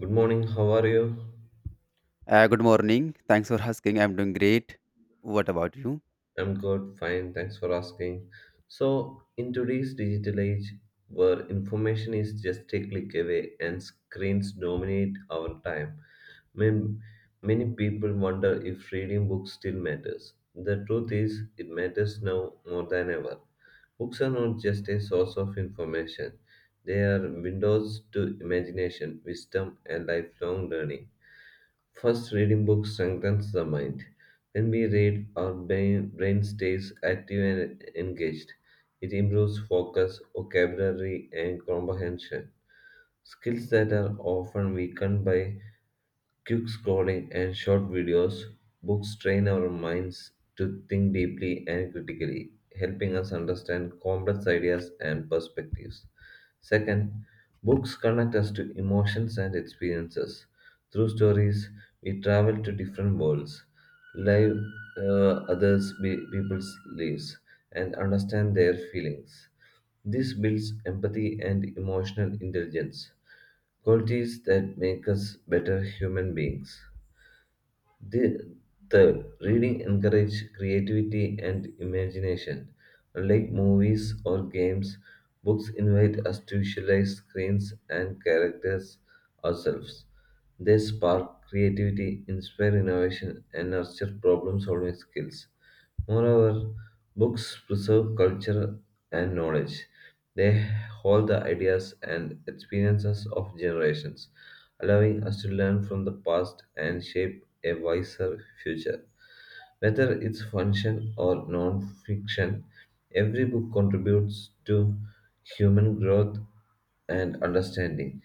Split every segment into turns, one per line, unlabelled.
Good morning, how are you?
Good morning. Thanks for asking. I'm doing great. What about you?
I'm good, fine, thanks for asking. So, in today's digital age, where information is just a click away and screens dominate our time, man- many people wonder if reading books still matters. The truth is, it matters now more than ever. Books are not just a source of information, they are windows to imagination, wisdom, and lifelong learning. First, reading books strengthens the mind. When we read, our brain stays active and engaged. It improves focus, vocabulary, and comprehension, skills that are often weakened by quick scrolling and short videos. Books train our minds to think deeply and critically, helping us understand complex ideas and perspectives. Second, books connect us to emotions and experiences. Through stories, we travel to different worlds, live people's lives, and understand their feelings. This builds empathy and emotional intelligence, qualities that make us better human beings. The Third, reading encourages creativity and imagination. Unlike movies or games, books invite us to visualize screens and characters ourselves. They spark creativity, inspire innovation, and nurture problem solving skills. Moreover, books preserve culture and knowledge. They hold the ideas and experiences of generations, allowing us to learn from the past and shape a wiser future. Whether it's function or non fiction, every book contributes to human growth and understanding.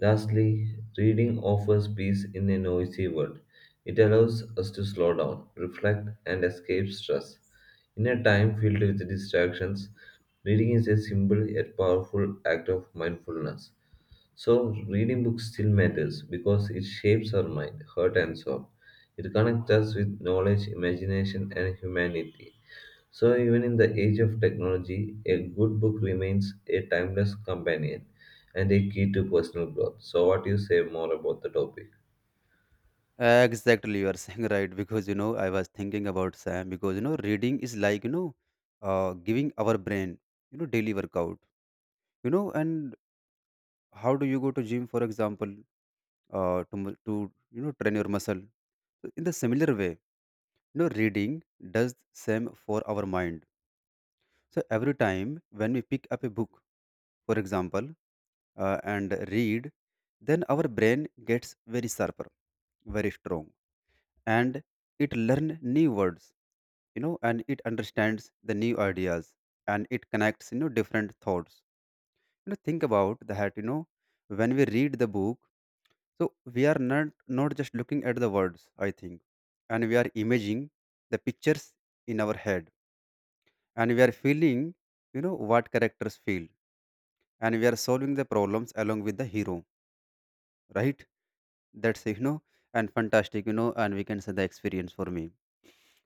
Lastly, reading offers peace in a noisy world. It allows us to slow down, reflect, and escape stress. In a time filled with distractions, reading is a simple yet powerful act of mindfulness. So, reading books still matters because it shapes our mind, heart, and soul. It connects us with knowledge, imagination, and humanity. So, even in the age of technology, a good book remains a timeless companion and a key to personal growth. So, what do you say more about the topic?
Exactly, you are saying right because I was thinking about Sam because you know reading is like you know, giving our brain you know daily workout. You know, and how do you go to gym, for example, to you know train your muscle? So in the similar way, you know reading does same for our mind. So every time when we pick up a book, for example. And read, then our brain gets very sharper, very strong, and it learn new words, you know, and it understands the new ideas, and it connects you know different thoughts. You know, think about that. You know, when we read the book, so we are not just looking at the words, I think, and we are imaging the pictures in our head, and we are feeling you know what characters feel, and we are solving the problems along with the hero, right? That's you know and fantastic, you know, and we can say the experience for me.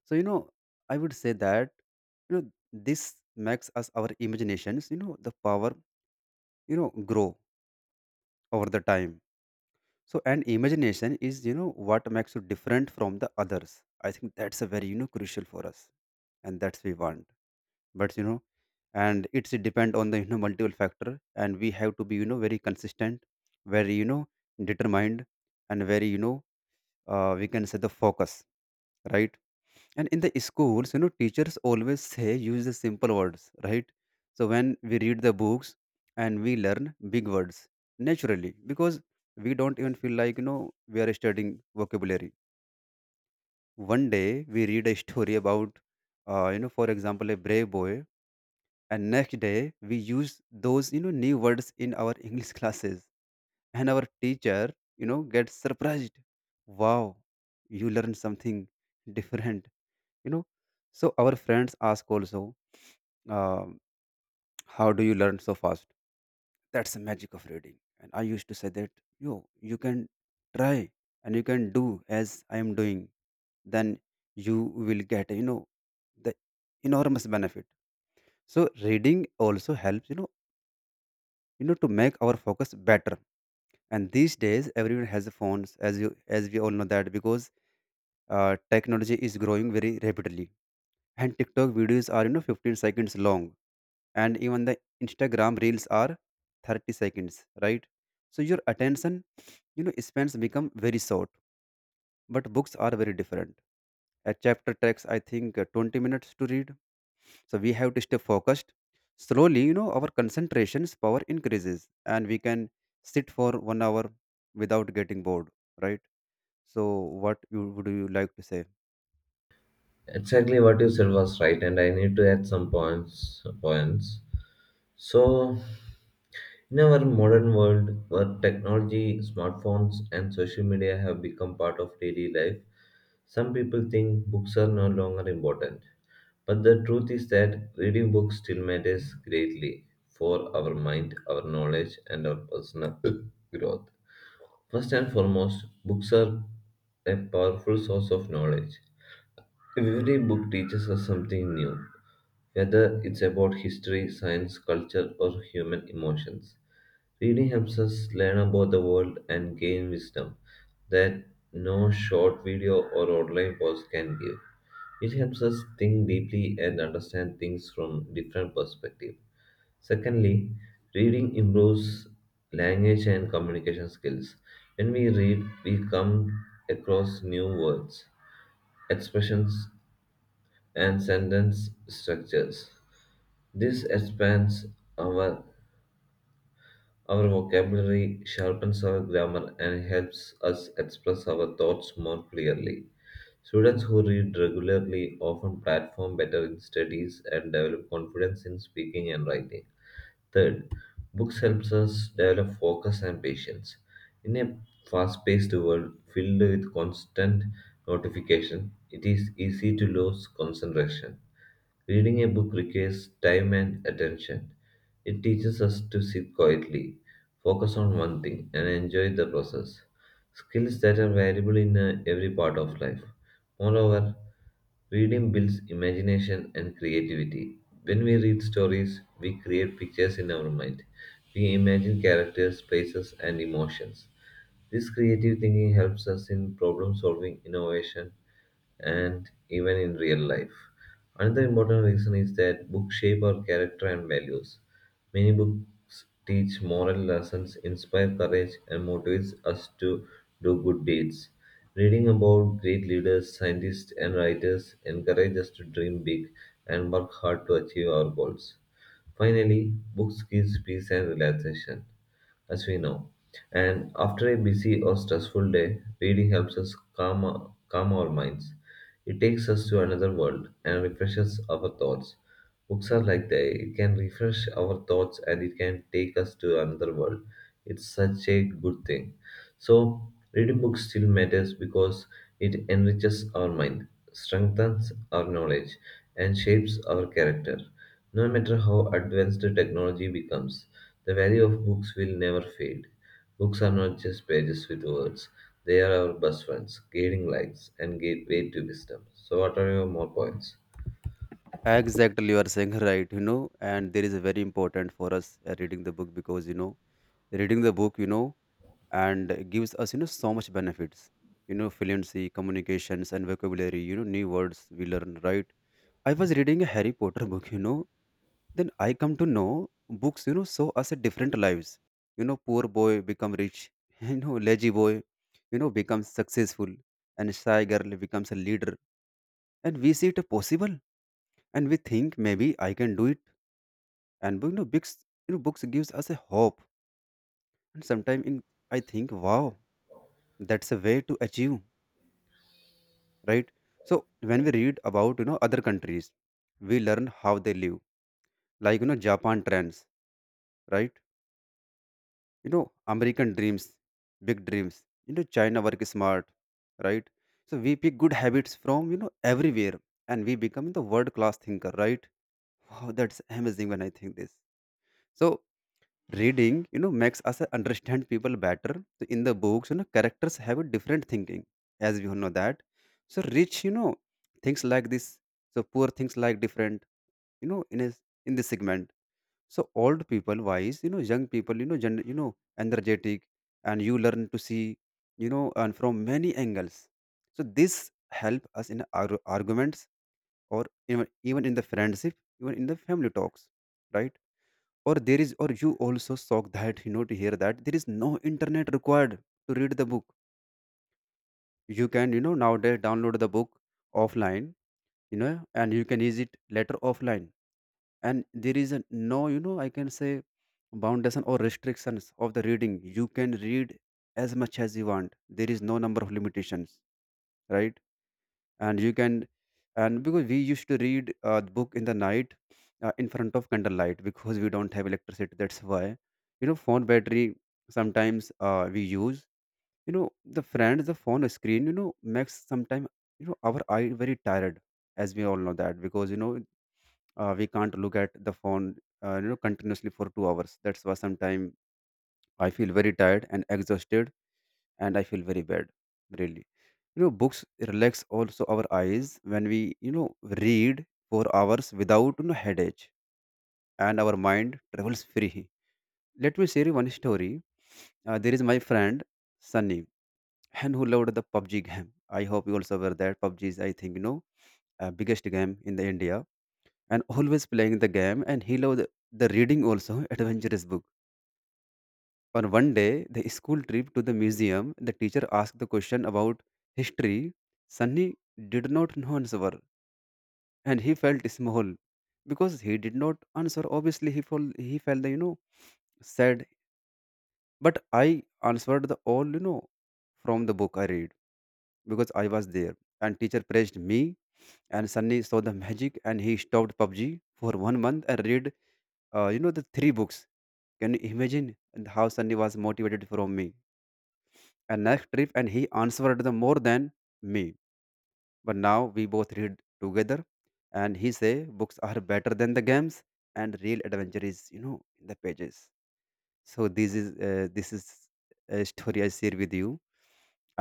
So you know I would say that, you know, this makes us our imaginations, you know, the power, you know, grow over the time. So and imagination is you know what makes you different from the others, I think. That's a very you know crucial for us, and that's we want. But you know, and it's depend on the you know multiple factor, and we have to be you know very consistent, very you know determined, and very you know, we can say the focus, right? And in the schools, you know, teachers always say use the simple words, right? So when we read the books, and we learn big words naturally, because we don't even feel like you know we are studying vocabulary. One day we read a story about you know, for example, a brave boy, and next day we use those you know new words in our English classes, and our teacher you know gets surprised. Wow, you learn something different, you know. So our friends ask also, um, how do you learn so fast? That's the magic of reading, and I used to say that yo, you can try, and you can do as I am doing, then you will get you know the enormous benefit. So reading also helps you know to make our focus better. And these days everyone has phones as you as we all know that, because technology is growing very rapidly, and TikTok videos are you know 15 seconds long, and even the Instagram reels are 30 seconds, right? So your attention you know spans become very short, but books are very different. A chapter takes, I think, 20 minutes to read, so we have to stay focused. Slowly you know our concentration's power increases, and we can sit for one hour without getting bored, right? So what you would you like to say?
Exactly what you said was right, and I need to add some points. Points. So, in our modern world, where technology, smartphones, and social media have become part of daily life, some people think books are no longer important, but the truth is that reading books still matters greatly for our mind, our knowledge, and our personal growth. First and foremost, books are a powerful source of knowledge. Every book teaches us something new, whether it's about history, science, culture, or human emotions. Reading helps us learn about the world and gain wisdom that no short video or online post can give. It helps us think deeply and understand things from different perspectives. Secondly, reading improves language and communication skills. When we read, we come across new words, expressions, and sentence structures. This expands our our vocabulary, sharpens our grammar, and helps us express our thoughts more clearly. Students who read regularly often perform better in studies and develop confidence in speaking and writing. Third, books helps us develop focus and patience. In a fast-paced world filled with constant notification, it is easy to lose concentration. Reading a book requires time and attention. It teaches us to sit quietly, focus on one thing, and enjoy the process. Skills that are valuable in every part of life. Moreover, reading builds imagination and creativity. When we read stories, we create pictures in our mind. We imagine characters, places, and emotions. This creative thinking helps us in problem solving, innovation, and even in real life. Another important reason is that books shape our character and values. Many books teach moral lessons, inspire courage, and motivates us to do good deeds. Reading about great leaders, scientists, and writers encourages us to dream big and work hard to achieve our goals. Finally, books gives peace and relaxation as we know. And after a busy or stressful day, reading helps us calm our minds. It takes us to another world and refreshes our thoughts. Books are like that. It can refresh our thoughts and it can take us to another world. It's such a good thing. So, reading books still matters because it enriches our mind, strengthens our knowledge, and shapes our character. No matter how advanced the technology becomes, the value of books will never fade. Books are not just pages with words, they are our best friends, guiding lights, and gateway to wisdom. So, what are your more points?
Exactly you are saying right, you know, and there is a very important for us, reading the book, because you know reading the book, you know, and gives us you know so much benefits, you know, fluency communications and vocabulary, you know, new words we learn, right? I was reading a Harry Potter book, you know, then I come to know books you know show us a different lives. You know, poor boy become rich, you know, lazy boy you know becomes successful, and shy girl becomes a leader, and we see it possible, and we think maybe I can do it. And you know books, you know, books gives us a hope, and sometimes in I think wow, that's a way to achieve, right? So when we read about you know other countries, we learn how they live, like you know Japan trends, right? You know, American dreams, big dreams, you know, China work smart, right? So we pick good habits from you know everywhere, and we become the world class thinker, right? Wow, that's amazing when I think this. So reading you know makes us understand people better. So in the books, you know, characters have a different thinking, as we all know that. So rich you know things like this, so poor things like different, you know, in this segment. So old people wise, you know, young people, you know, you know energetic, and you learn to see, you know, and from many angles. So this help us in our arguments, or even in the friendship, even in the family talks, right? Or there is, or you also shocked that you know to hear that there is no internet required to read the book. You can you know nowadays download the book offline, you know, and you can use it later offline. And there is a no you know I can say foundation or restrictions of the reading, you can read as much as you want, there is no number of limitations, right? And you can, and because we used to read the book in the night, in front of candlelight because we don't have electricity, that's why. You know, phone battery sometimes we use you know the friends the phone screen you know makes sometimes you know our eye very tired, as we all know that. Because you know we can't look at the phone, you know, continuously for 2 hours. That's why sometimes I feel very tired and exhausted, and I feel very bad, really. You know, books relax also our eyes when we you know read for hours without you know headache, and our mind travels free. Let me share you one story. There is my friend Sunny, and who loved the PUBG game. I hope you also aware that PUBG is, I think, you know, biggest game in the India, and always playing the game, and he loved the reading also adventurous book. On one day the school trip to the museum, the teacher asked the question about history. Sunny did not know answer, and he felt small, because he did not answer obviously. He felt, he felt the you know sad. But I answered the all, you know, from the book I read, because I was there, and teacher praised me. And Sunny saw the magic, and he stopped PUBG for one month and read you know the three books. Can you imagine how Sunny was motivated from me? And next trip, and he answered the more than me. But now we both read together, and he say books are better than the games, and real adventure is you know in the pages. So this is this is a story I share with you,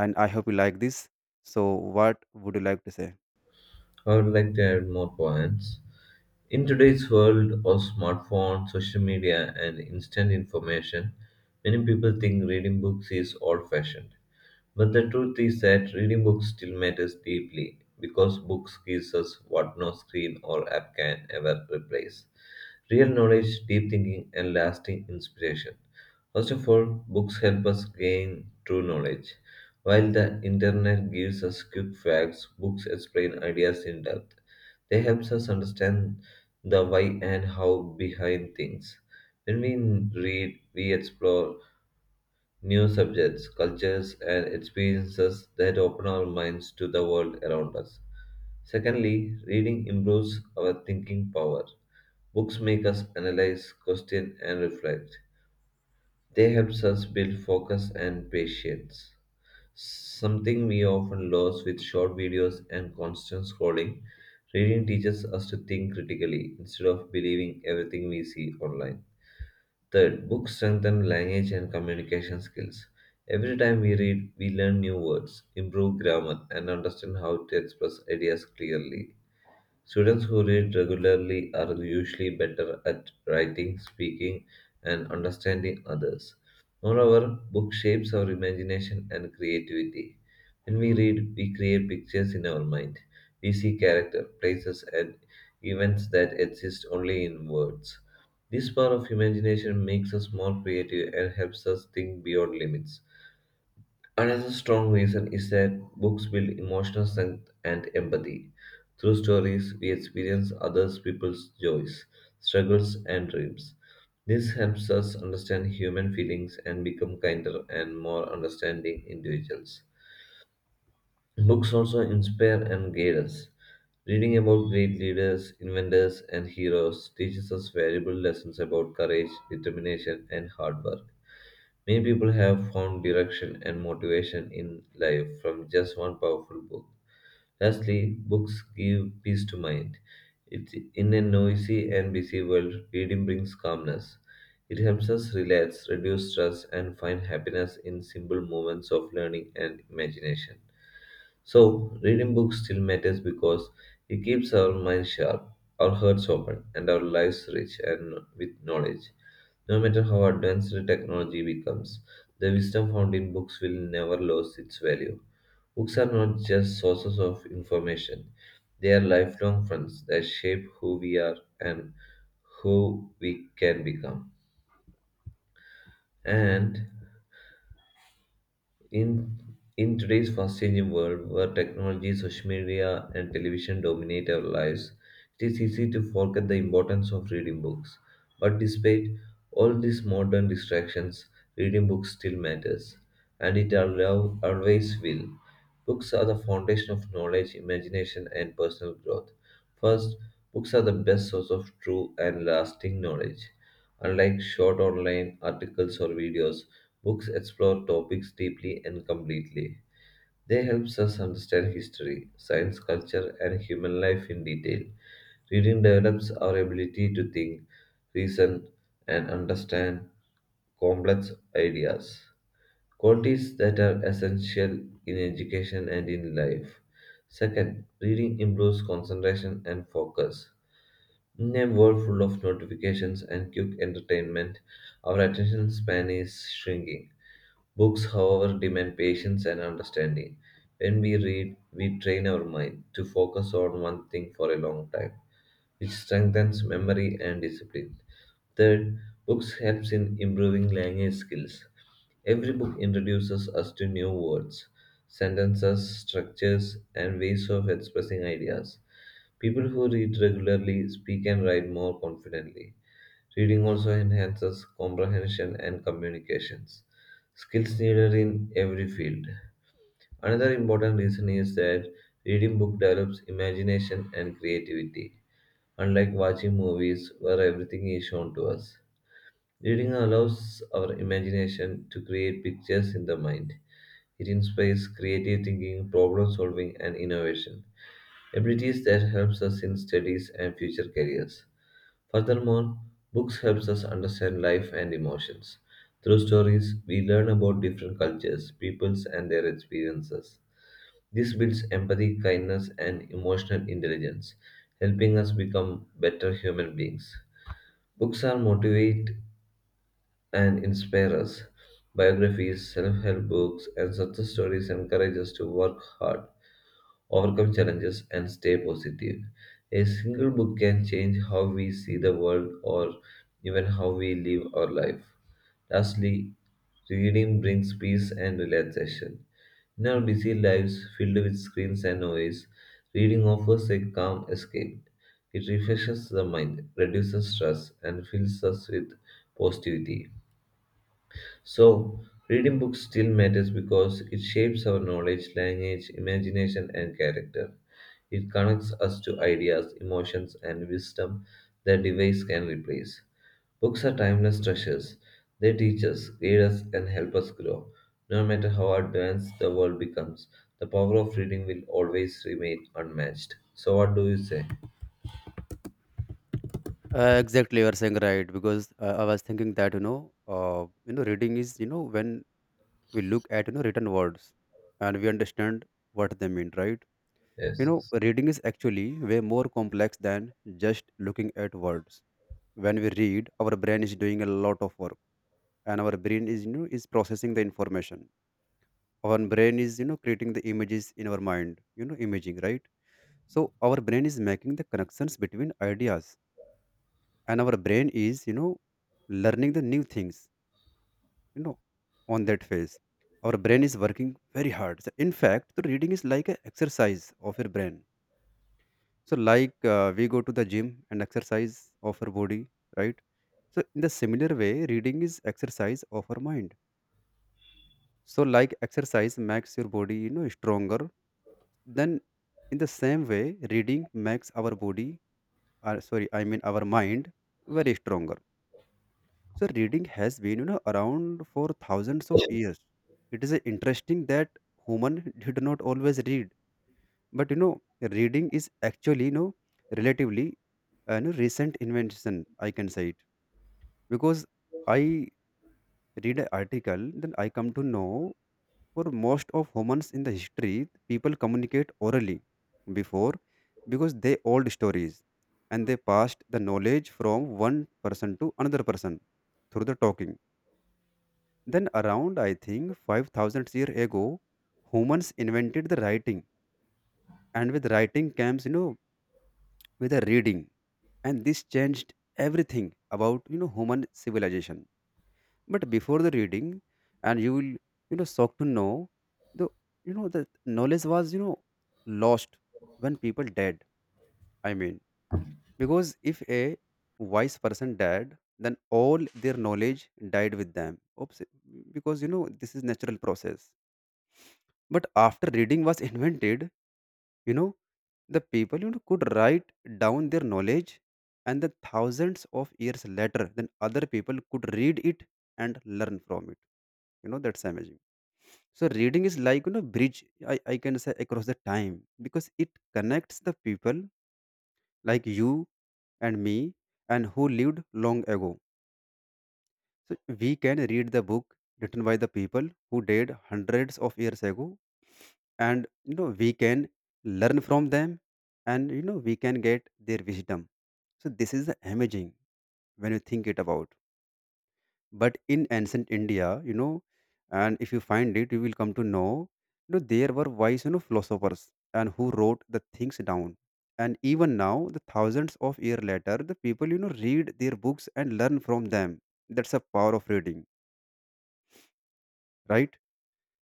and I hope you like this. So what would you like to say?
I would like to add more points. In today's world of smartphones, social media, and instant information, many people think reading books is old fashioned. But the truth is that reading books still matters deeply because books gives us what no screen or app can ever replace. Real knowledge, deep thinking, and lasting inspiration. First of all, books help us gain true knowledge. While the internet gives us quick facts, books explain ideas in depth. They helps us understand the why and how behind things. When we read, we explore new subjects, cultures, and experiences that open our minds to the world around us. Secondly, reading improves our thinking power. Books make us analyze, question, and reflect. They helps us build focus and patience. Something we often lose with short videos and constant scrolling, reading teaches us to think critically instead of believing everything we see online. Third, books strengthen language and communication skills. Every time we read, we learn new words, improve grammar, and understand how to express ideas clearly. Students who read regularly are usually better at writing, speaking, and understanding others. Moreover, book shapes our imagination and creativity. When we read, we create pictures in our mind. We see character, places, and events that exist only in words. This power of imagination makes us more creative and helps us think beyond limits. Another strong reason is that books build emotional strength and empathy. Through stories, we experience other people's joys, struggles, and dreams. This helps us understand human feelings and become kinder and more understanding individuals. Books also inspire and guide us. Reading about great leaders, inventors, and heroes teaches us valuable lessons about courage, determination, and hard work. Many people have found direction and motivation in life from just one powerful book. Lastly, books give peace to mind. It, in a noisy and busy world, reading brings calmness. It helps us relax, reduce stress, and find happiness in simple moments of learning and imagination. So, reading books still matters because it keeps our minds sharp, our hearts open, and our lives rich and with knowledge. No matter how advanced the technology becomes, the wisdom found in books will never lose its value. Books are not just sources of information, they are lifelong friends that shape who we are and who we can become. And In in today's fast-changing world, where technology, social media, and television dominate our lives, it is easy to forget the importance of reading books. But despite all these modern distractions, reading books still matters, and it allow, always will. Books are the foundation of knowledge, imagination, and personal growth. First, books are the best source of true and lasting knowledge. Unlike short online articles or videos, books explore topics deeply and completely. They help us understand history, science, culture, and human life in detail. Reading develops our ability to think, reason, and understand complex ideas, qualities that are essential in education and in life. Second, reading improves concentration and focus. In a world full of notifications and quick entertainment, our attention span is shrinking. Books, however, demand patience and understanding. When we read, we train our mind to focus on one thing for a long time, which strengthens memory and discipline. Third, books helps in improving language skills. Every book introduces us to new words, sentences, structures, and ways of expressing ideas. People who read regularly speak and write more confidently. Reading also enhances comprehension and communications, skills needed in every field. Another important reason is that reading book develops imagination and creativity, unlike watching movies where everything is shown to us. Reading allows our imagination to create pictures in the mind. It inspires creative thinking, problem solving, and innovation, abilities that helps us in studies and future careers. Furthermore, books helps us understand life and emotions. Through stories, we learn about different cultures, peoples and their experiences. This builds empathy, kindness and emotional intelligence, helping us become better human beings. Books are motivate and inspire us. Biographies, self-help books and success stories encourage us to work hard overcome challenges, and stay positive. A single book can change how we see the world or even how we live our life. Lastly, reading brings peace and relaxation. In our busy lives filled with screens and noise, reading offers a calm escape. It refreshes the mind, reduces stress, and fills us with positivity. So, reading books still matters because it shapes our knowledge, language, imagination, and character. It connects us to ideas, emotions, and wisdom that device can replace. Books are timeless treasures. They teach us, guide us, and help us grow. No matter how advanced the world becomes, the power of reading will always remain unmatched. So, what do you say?
Exactly, you are saying right because I was thinking that you know, reading is you know when we look at you know written words and we understand what they mean, right? You
Yes,
know,
yes.
reading is actually way more complex than just looking at words. When we read, our brain is doing a lot of work, and our brain is you know is processing the information. Our brain is you know creating the images in our mind. You know, imaging, right? So our brain is making the connections between ideas, and our brain is you know learning the new things. You know, on that phase, our brain is working very hard. So in fact, the reading is like an exercise of your brain. So, like we go to the gym and exercise of our body, right? So, in the similar way, reading is exercise of our mind. So, like exercise makes your body, you know, stronger. Then, in the same way, reading makes our body, sorry, I mean our mind, very stronger. So, reading has been, you know, around for thousands of years. It is interesting that human did not always read, but you know, reading is actually, you know, relatively you know, recent invention, I can say it. Because I read an article, then I come to know for most of humans in the history, people communicate orally before, because they old stories, and they passed the knowledge from one person to another person through the talking. Then around, I think, 5,000 years ago, humans invented the writing, and with writing comes you know with the reading, and this changed everything about you know human civilization. But before the reading, and you will, you know, shocked to know the, you know, the knowledge was, you know, lost when people died. I mean, because if a wise person died, then all their knowledge died with them. Oops, because you know this is natural process. But after reading was invented, you know, the people could write down their knowledge, and the thousands of years later then other people could read it and learn from it. That's amazing. So reading is like bridge, I can say, across the time, because it connects the people like you and me, and who lived long ago. So we can read the book written by the people who died hundreds of years ago, and we can learn from them, and we can get their wisdom. So this is the amazing when you think it about. But in ancient india and if you find it you will come to know there were wise philosophers and who wrote the things down. And even now the thousands of year later the people read their books and learn from them. That's the power of reading, right?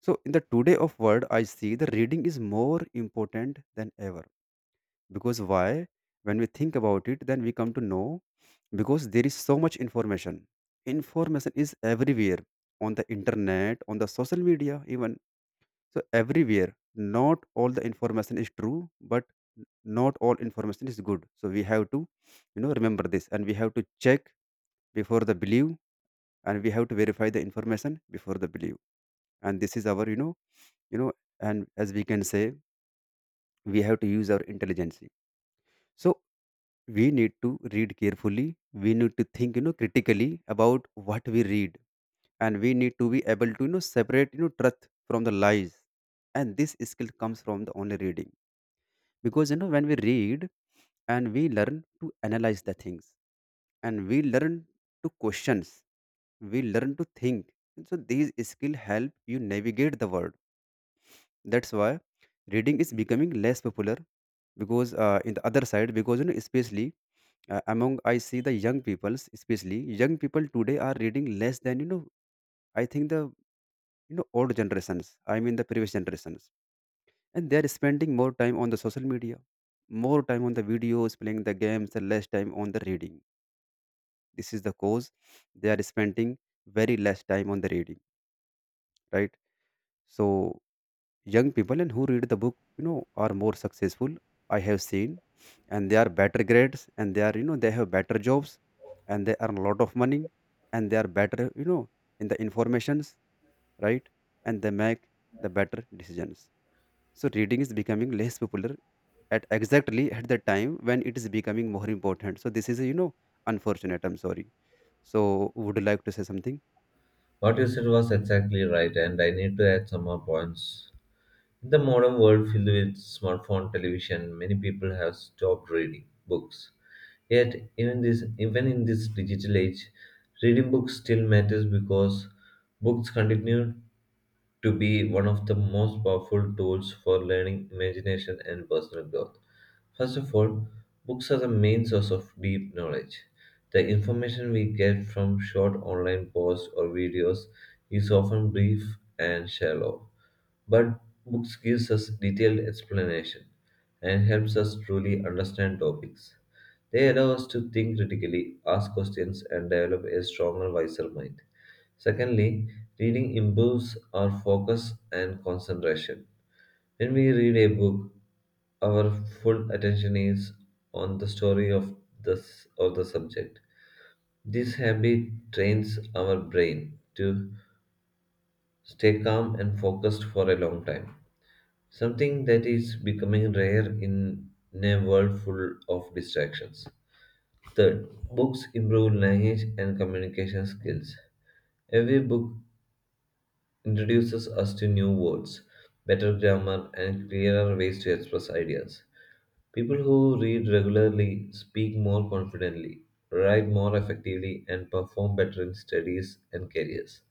So in the today of world I see the reading is more important than ever. Because why? When we think about it then we come to know. Because there is so much information. Information is everywhere, on the internet, on the social media even. So everywhere not all the information is true, but not all information is good, so we have to remember this, and we have to check before the believe, and we have to verify the information before the believe. And this is our you know and as we can say, we have to use our intelligence. So we need to read carefully, we need to think critically about what we read, and we need to be able to separate truth from the lies. And this skill comes from the only reading, because when we read and we learn to analyze the things, and we learn to questions, we learn to think, and so these skill help you navigate the world. That's why reading is becoming less popular. Because in the other side, because especially among I see the young peoples, especially young people today are reading less than. I think the old generations. I mean the previous generations, and they are spending more time on the social media, more time on the videos, playing the games, and less time on the reading. This is the cause they are spending very less time on the reading, right? So young people and who read the book, are more successful. I have seen, and they are better grades, and they are, they have better jobs, and they earn a lot of money, and they are better, in the informations, right? And they make the better decisions. So reading is becoming less popular at exactly at the time when it is becoming more important. So this is, unfortunate. I'm sorry. So would you like to say something?
What you said was exactly right, and I need to add some more points. In the modern world filled with smartphone television, many people have stopped reading books. Yet, even this, even in this digital age, reading books still matters because books continue to be one of the most powerful tools for learning, imagination, and personal growth. First of all, books are the main source of deep knowledge. The information we get from short online posts or videos is often brief and shallow, but books gives us detailed explanation and helps us truly understand topics. They allow us to think critically, ask questions, and develop a stronger, wiser mind. Secondly, reading improves our focus and concentration. When we read a book, our full attention is on the story of the, of the subject. This habit trains our brain to stay calm and focused for a long time, something that is becoming rare in a world full of distractions. Third, books improve language and communication skills. Every book introduces us to new words, better grammar, and clearer ways to express ideas. People who read regularly speak more confidently, write more effectively, and perform better in studies and careers.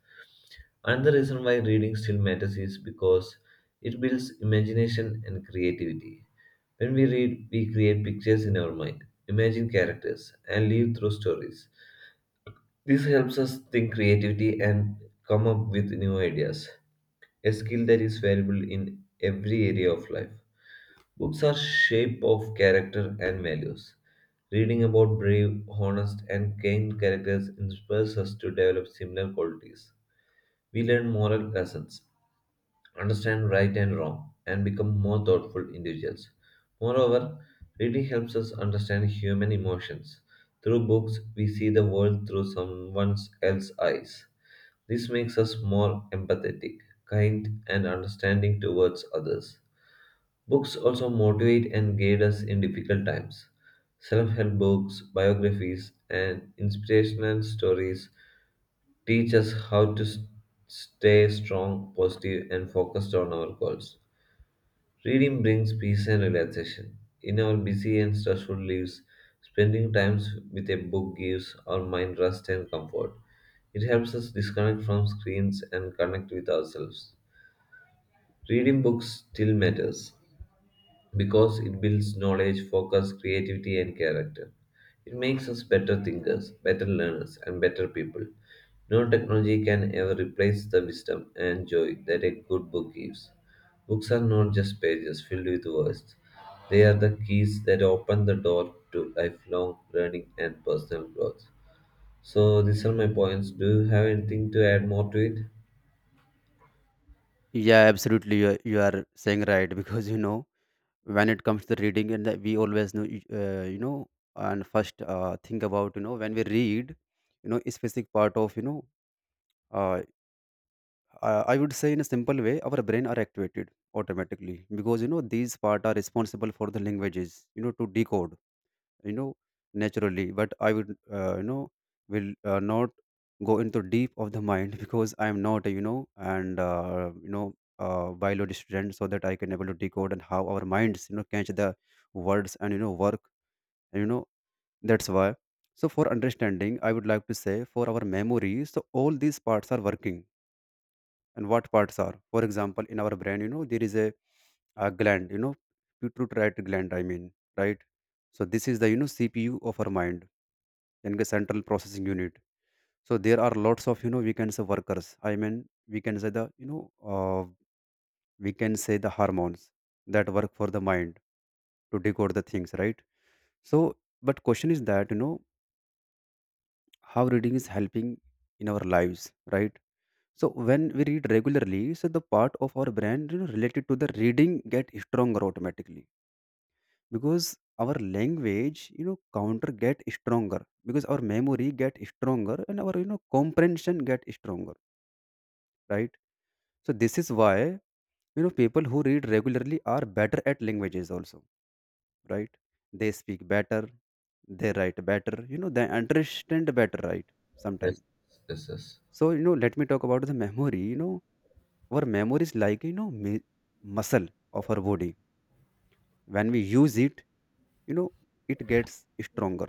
Another reason why reading still matters is because it builds imagination and creativity. When we read, we create pictures in our mind, imagine characters, and live through stories. This helps us think creativity and come up with new ideas, a skill that is valuable in every area of life. Books are shape of character and values. Reading about brave, honest, and kind characters inspires us to develop similar qualities. We learn moral lessons, understand right and wrong, and become more thoughtful individuals. Moreover, reading helps us understand human emotions. Through books, we see the world through someone else's eyes. This makes us more empathetic, kind, and understanding towards others. Books also motivate and guide us in difficult times. Self help books, biographies, and inspirational stories teach us how to stay strong, positive, and focused on our goals. Reading brings peace and relaxation. In our busy and stressful lives, spending time with a book gives our mind rest and comfort. It helps us disconnect from screens and connect with ourselves. Reading books still matters because it builds knowledge, focus, creativity, and character. It makes us better thinkers, better learners, and better people. No technology can ever replace the wisdom and joy that a good book gives. Books are not just pages filled with words, they are the keys that open the door to lifelong learning and personal growth. So, these are my points. Do you have anything to add more to it?
Yeah, absolutely. You are saying right because when it comes to reading, and that we always know uh, you know and first think about when we read a specific part of uh, I would say, in a simple way, our brain are activated automatically, because these part are responsible for the languages to decode you know naturally. But I would will not go into deep of the mind because I am not a, and biology student so that I can able to decode and how our minds catch the words and work and that's why. So for understanding I would like to say for our memory, so all these parts are working. And what parts are, for example, in our brain there is a gland, pituitary gland I mean, right? So this is the CPU of our mind, then the central processing unit. So there are lots of we can say workers, I mean we can say the uh, we can say the hormones that work for the mind to decode the things, right? So but question is that how reading is helping in our lives, right? So when we read regularly, so the part of our brain related to the reading get stronger automatically, because our language counter get stronger, because our memory get stronger, and our comprehension get stronger, right? So this is why people who read regularly are better at languages also, right? They speak better, they write better they understand better, right?
Yes,
Sometimes.
yes, yes,
So let me talk about the memory. Our memory is like muscle of our body. When we use it you know it gets stronger.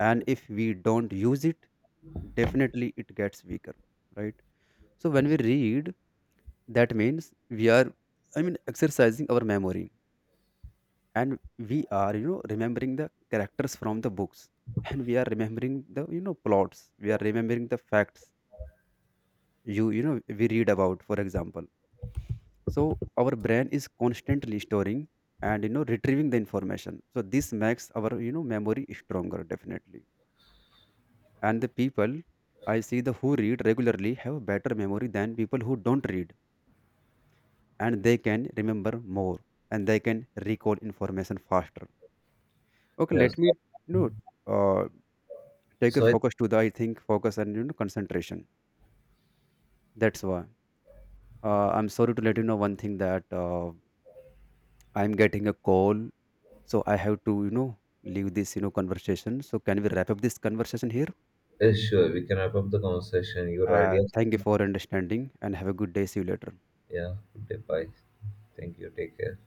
And if we don't use it, definitely it gets weaker, right? So when
yes,
we read, that means we are, I mean, exercising our memory. And we are remembering the characters from the books and we are remembering the plots, we are remembering the facts we read about, for example. So our brain is constantly storing and retrieving the information, so this makes our memory stronger definitely. And the people I see the who read regularly have better memory than people who don't read. And they can remember more, and they can recall information faster. Okay,
yes.
let me
So,
you know uh, take your
so I
focus to the I think focus and concentration. That's why I'm sorry to let you know one thing that I'm getting a call. So I have to, leave this, conversation. So can we wrap up this conversation here?
Sure, we can wrap up the conversation. Your ideas.
Thank you for understanding and have a good day. See you later.
Yeah, goodbye. Thank you. Take care.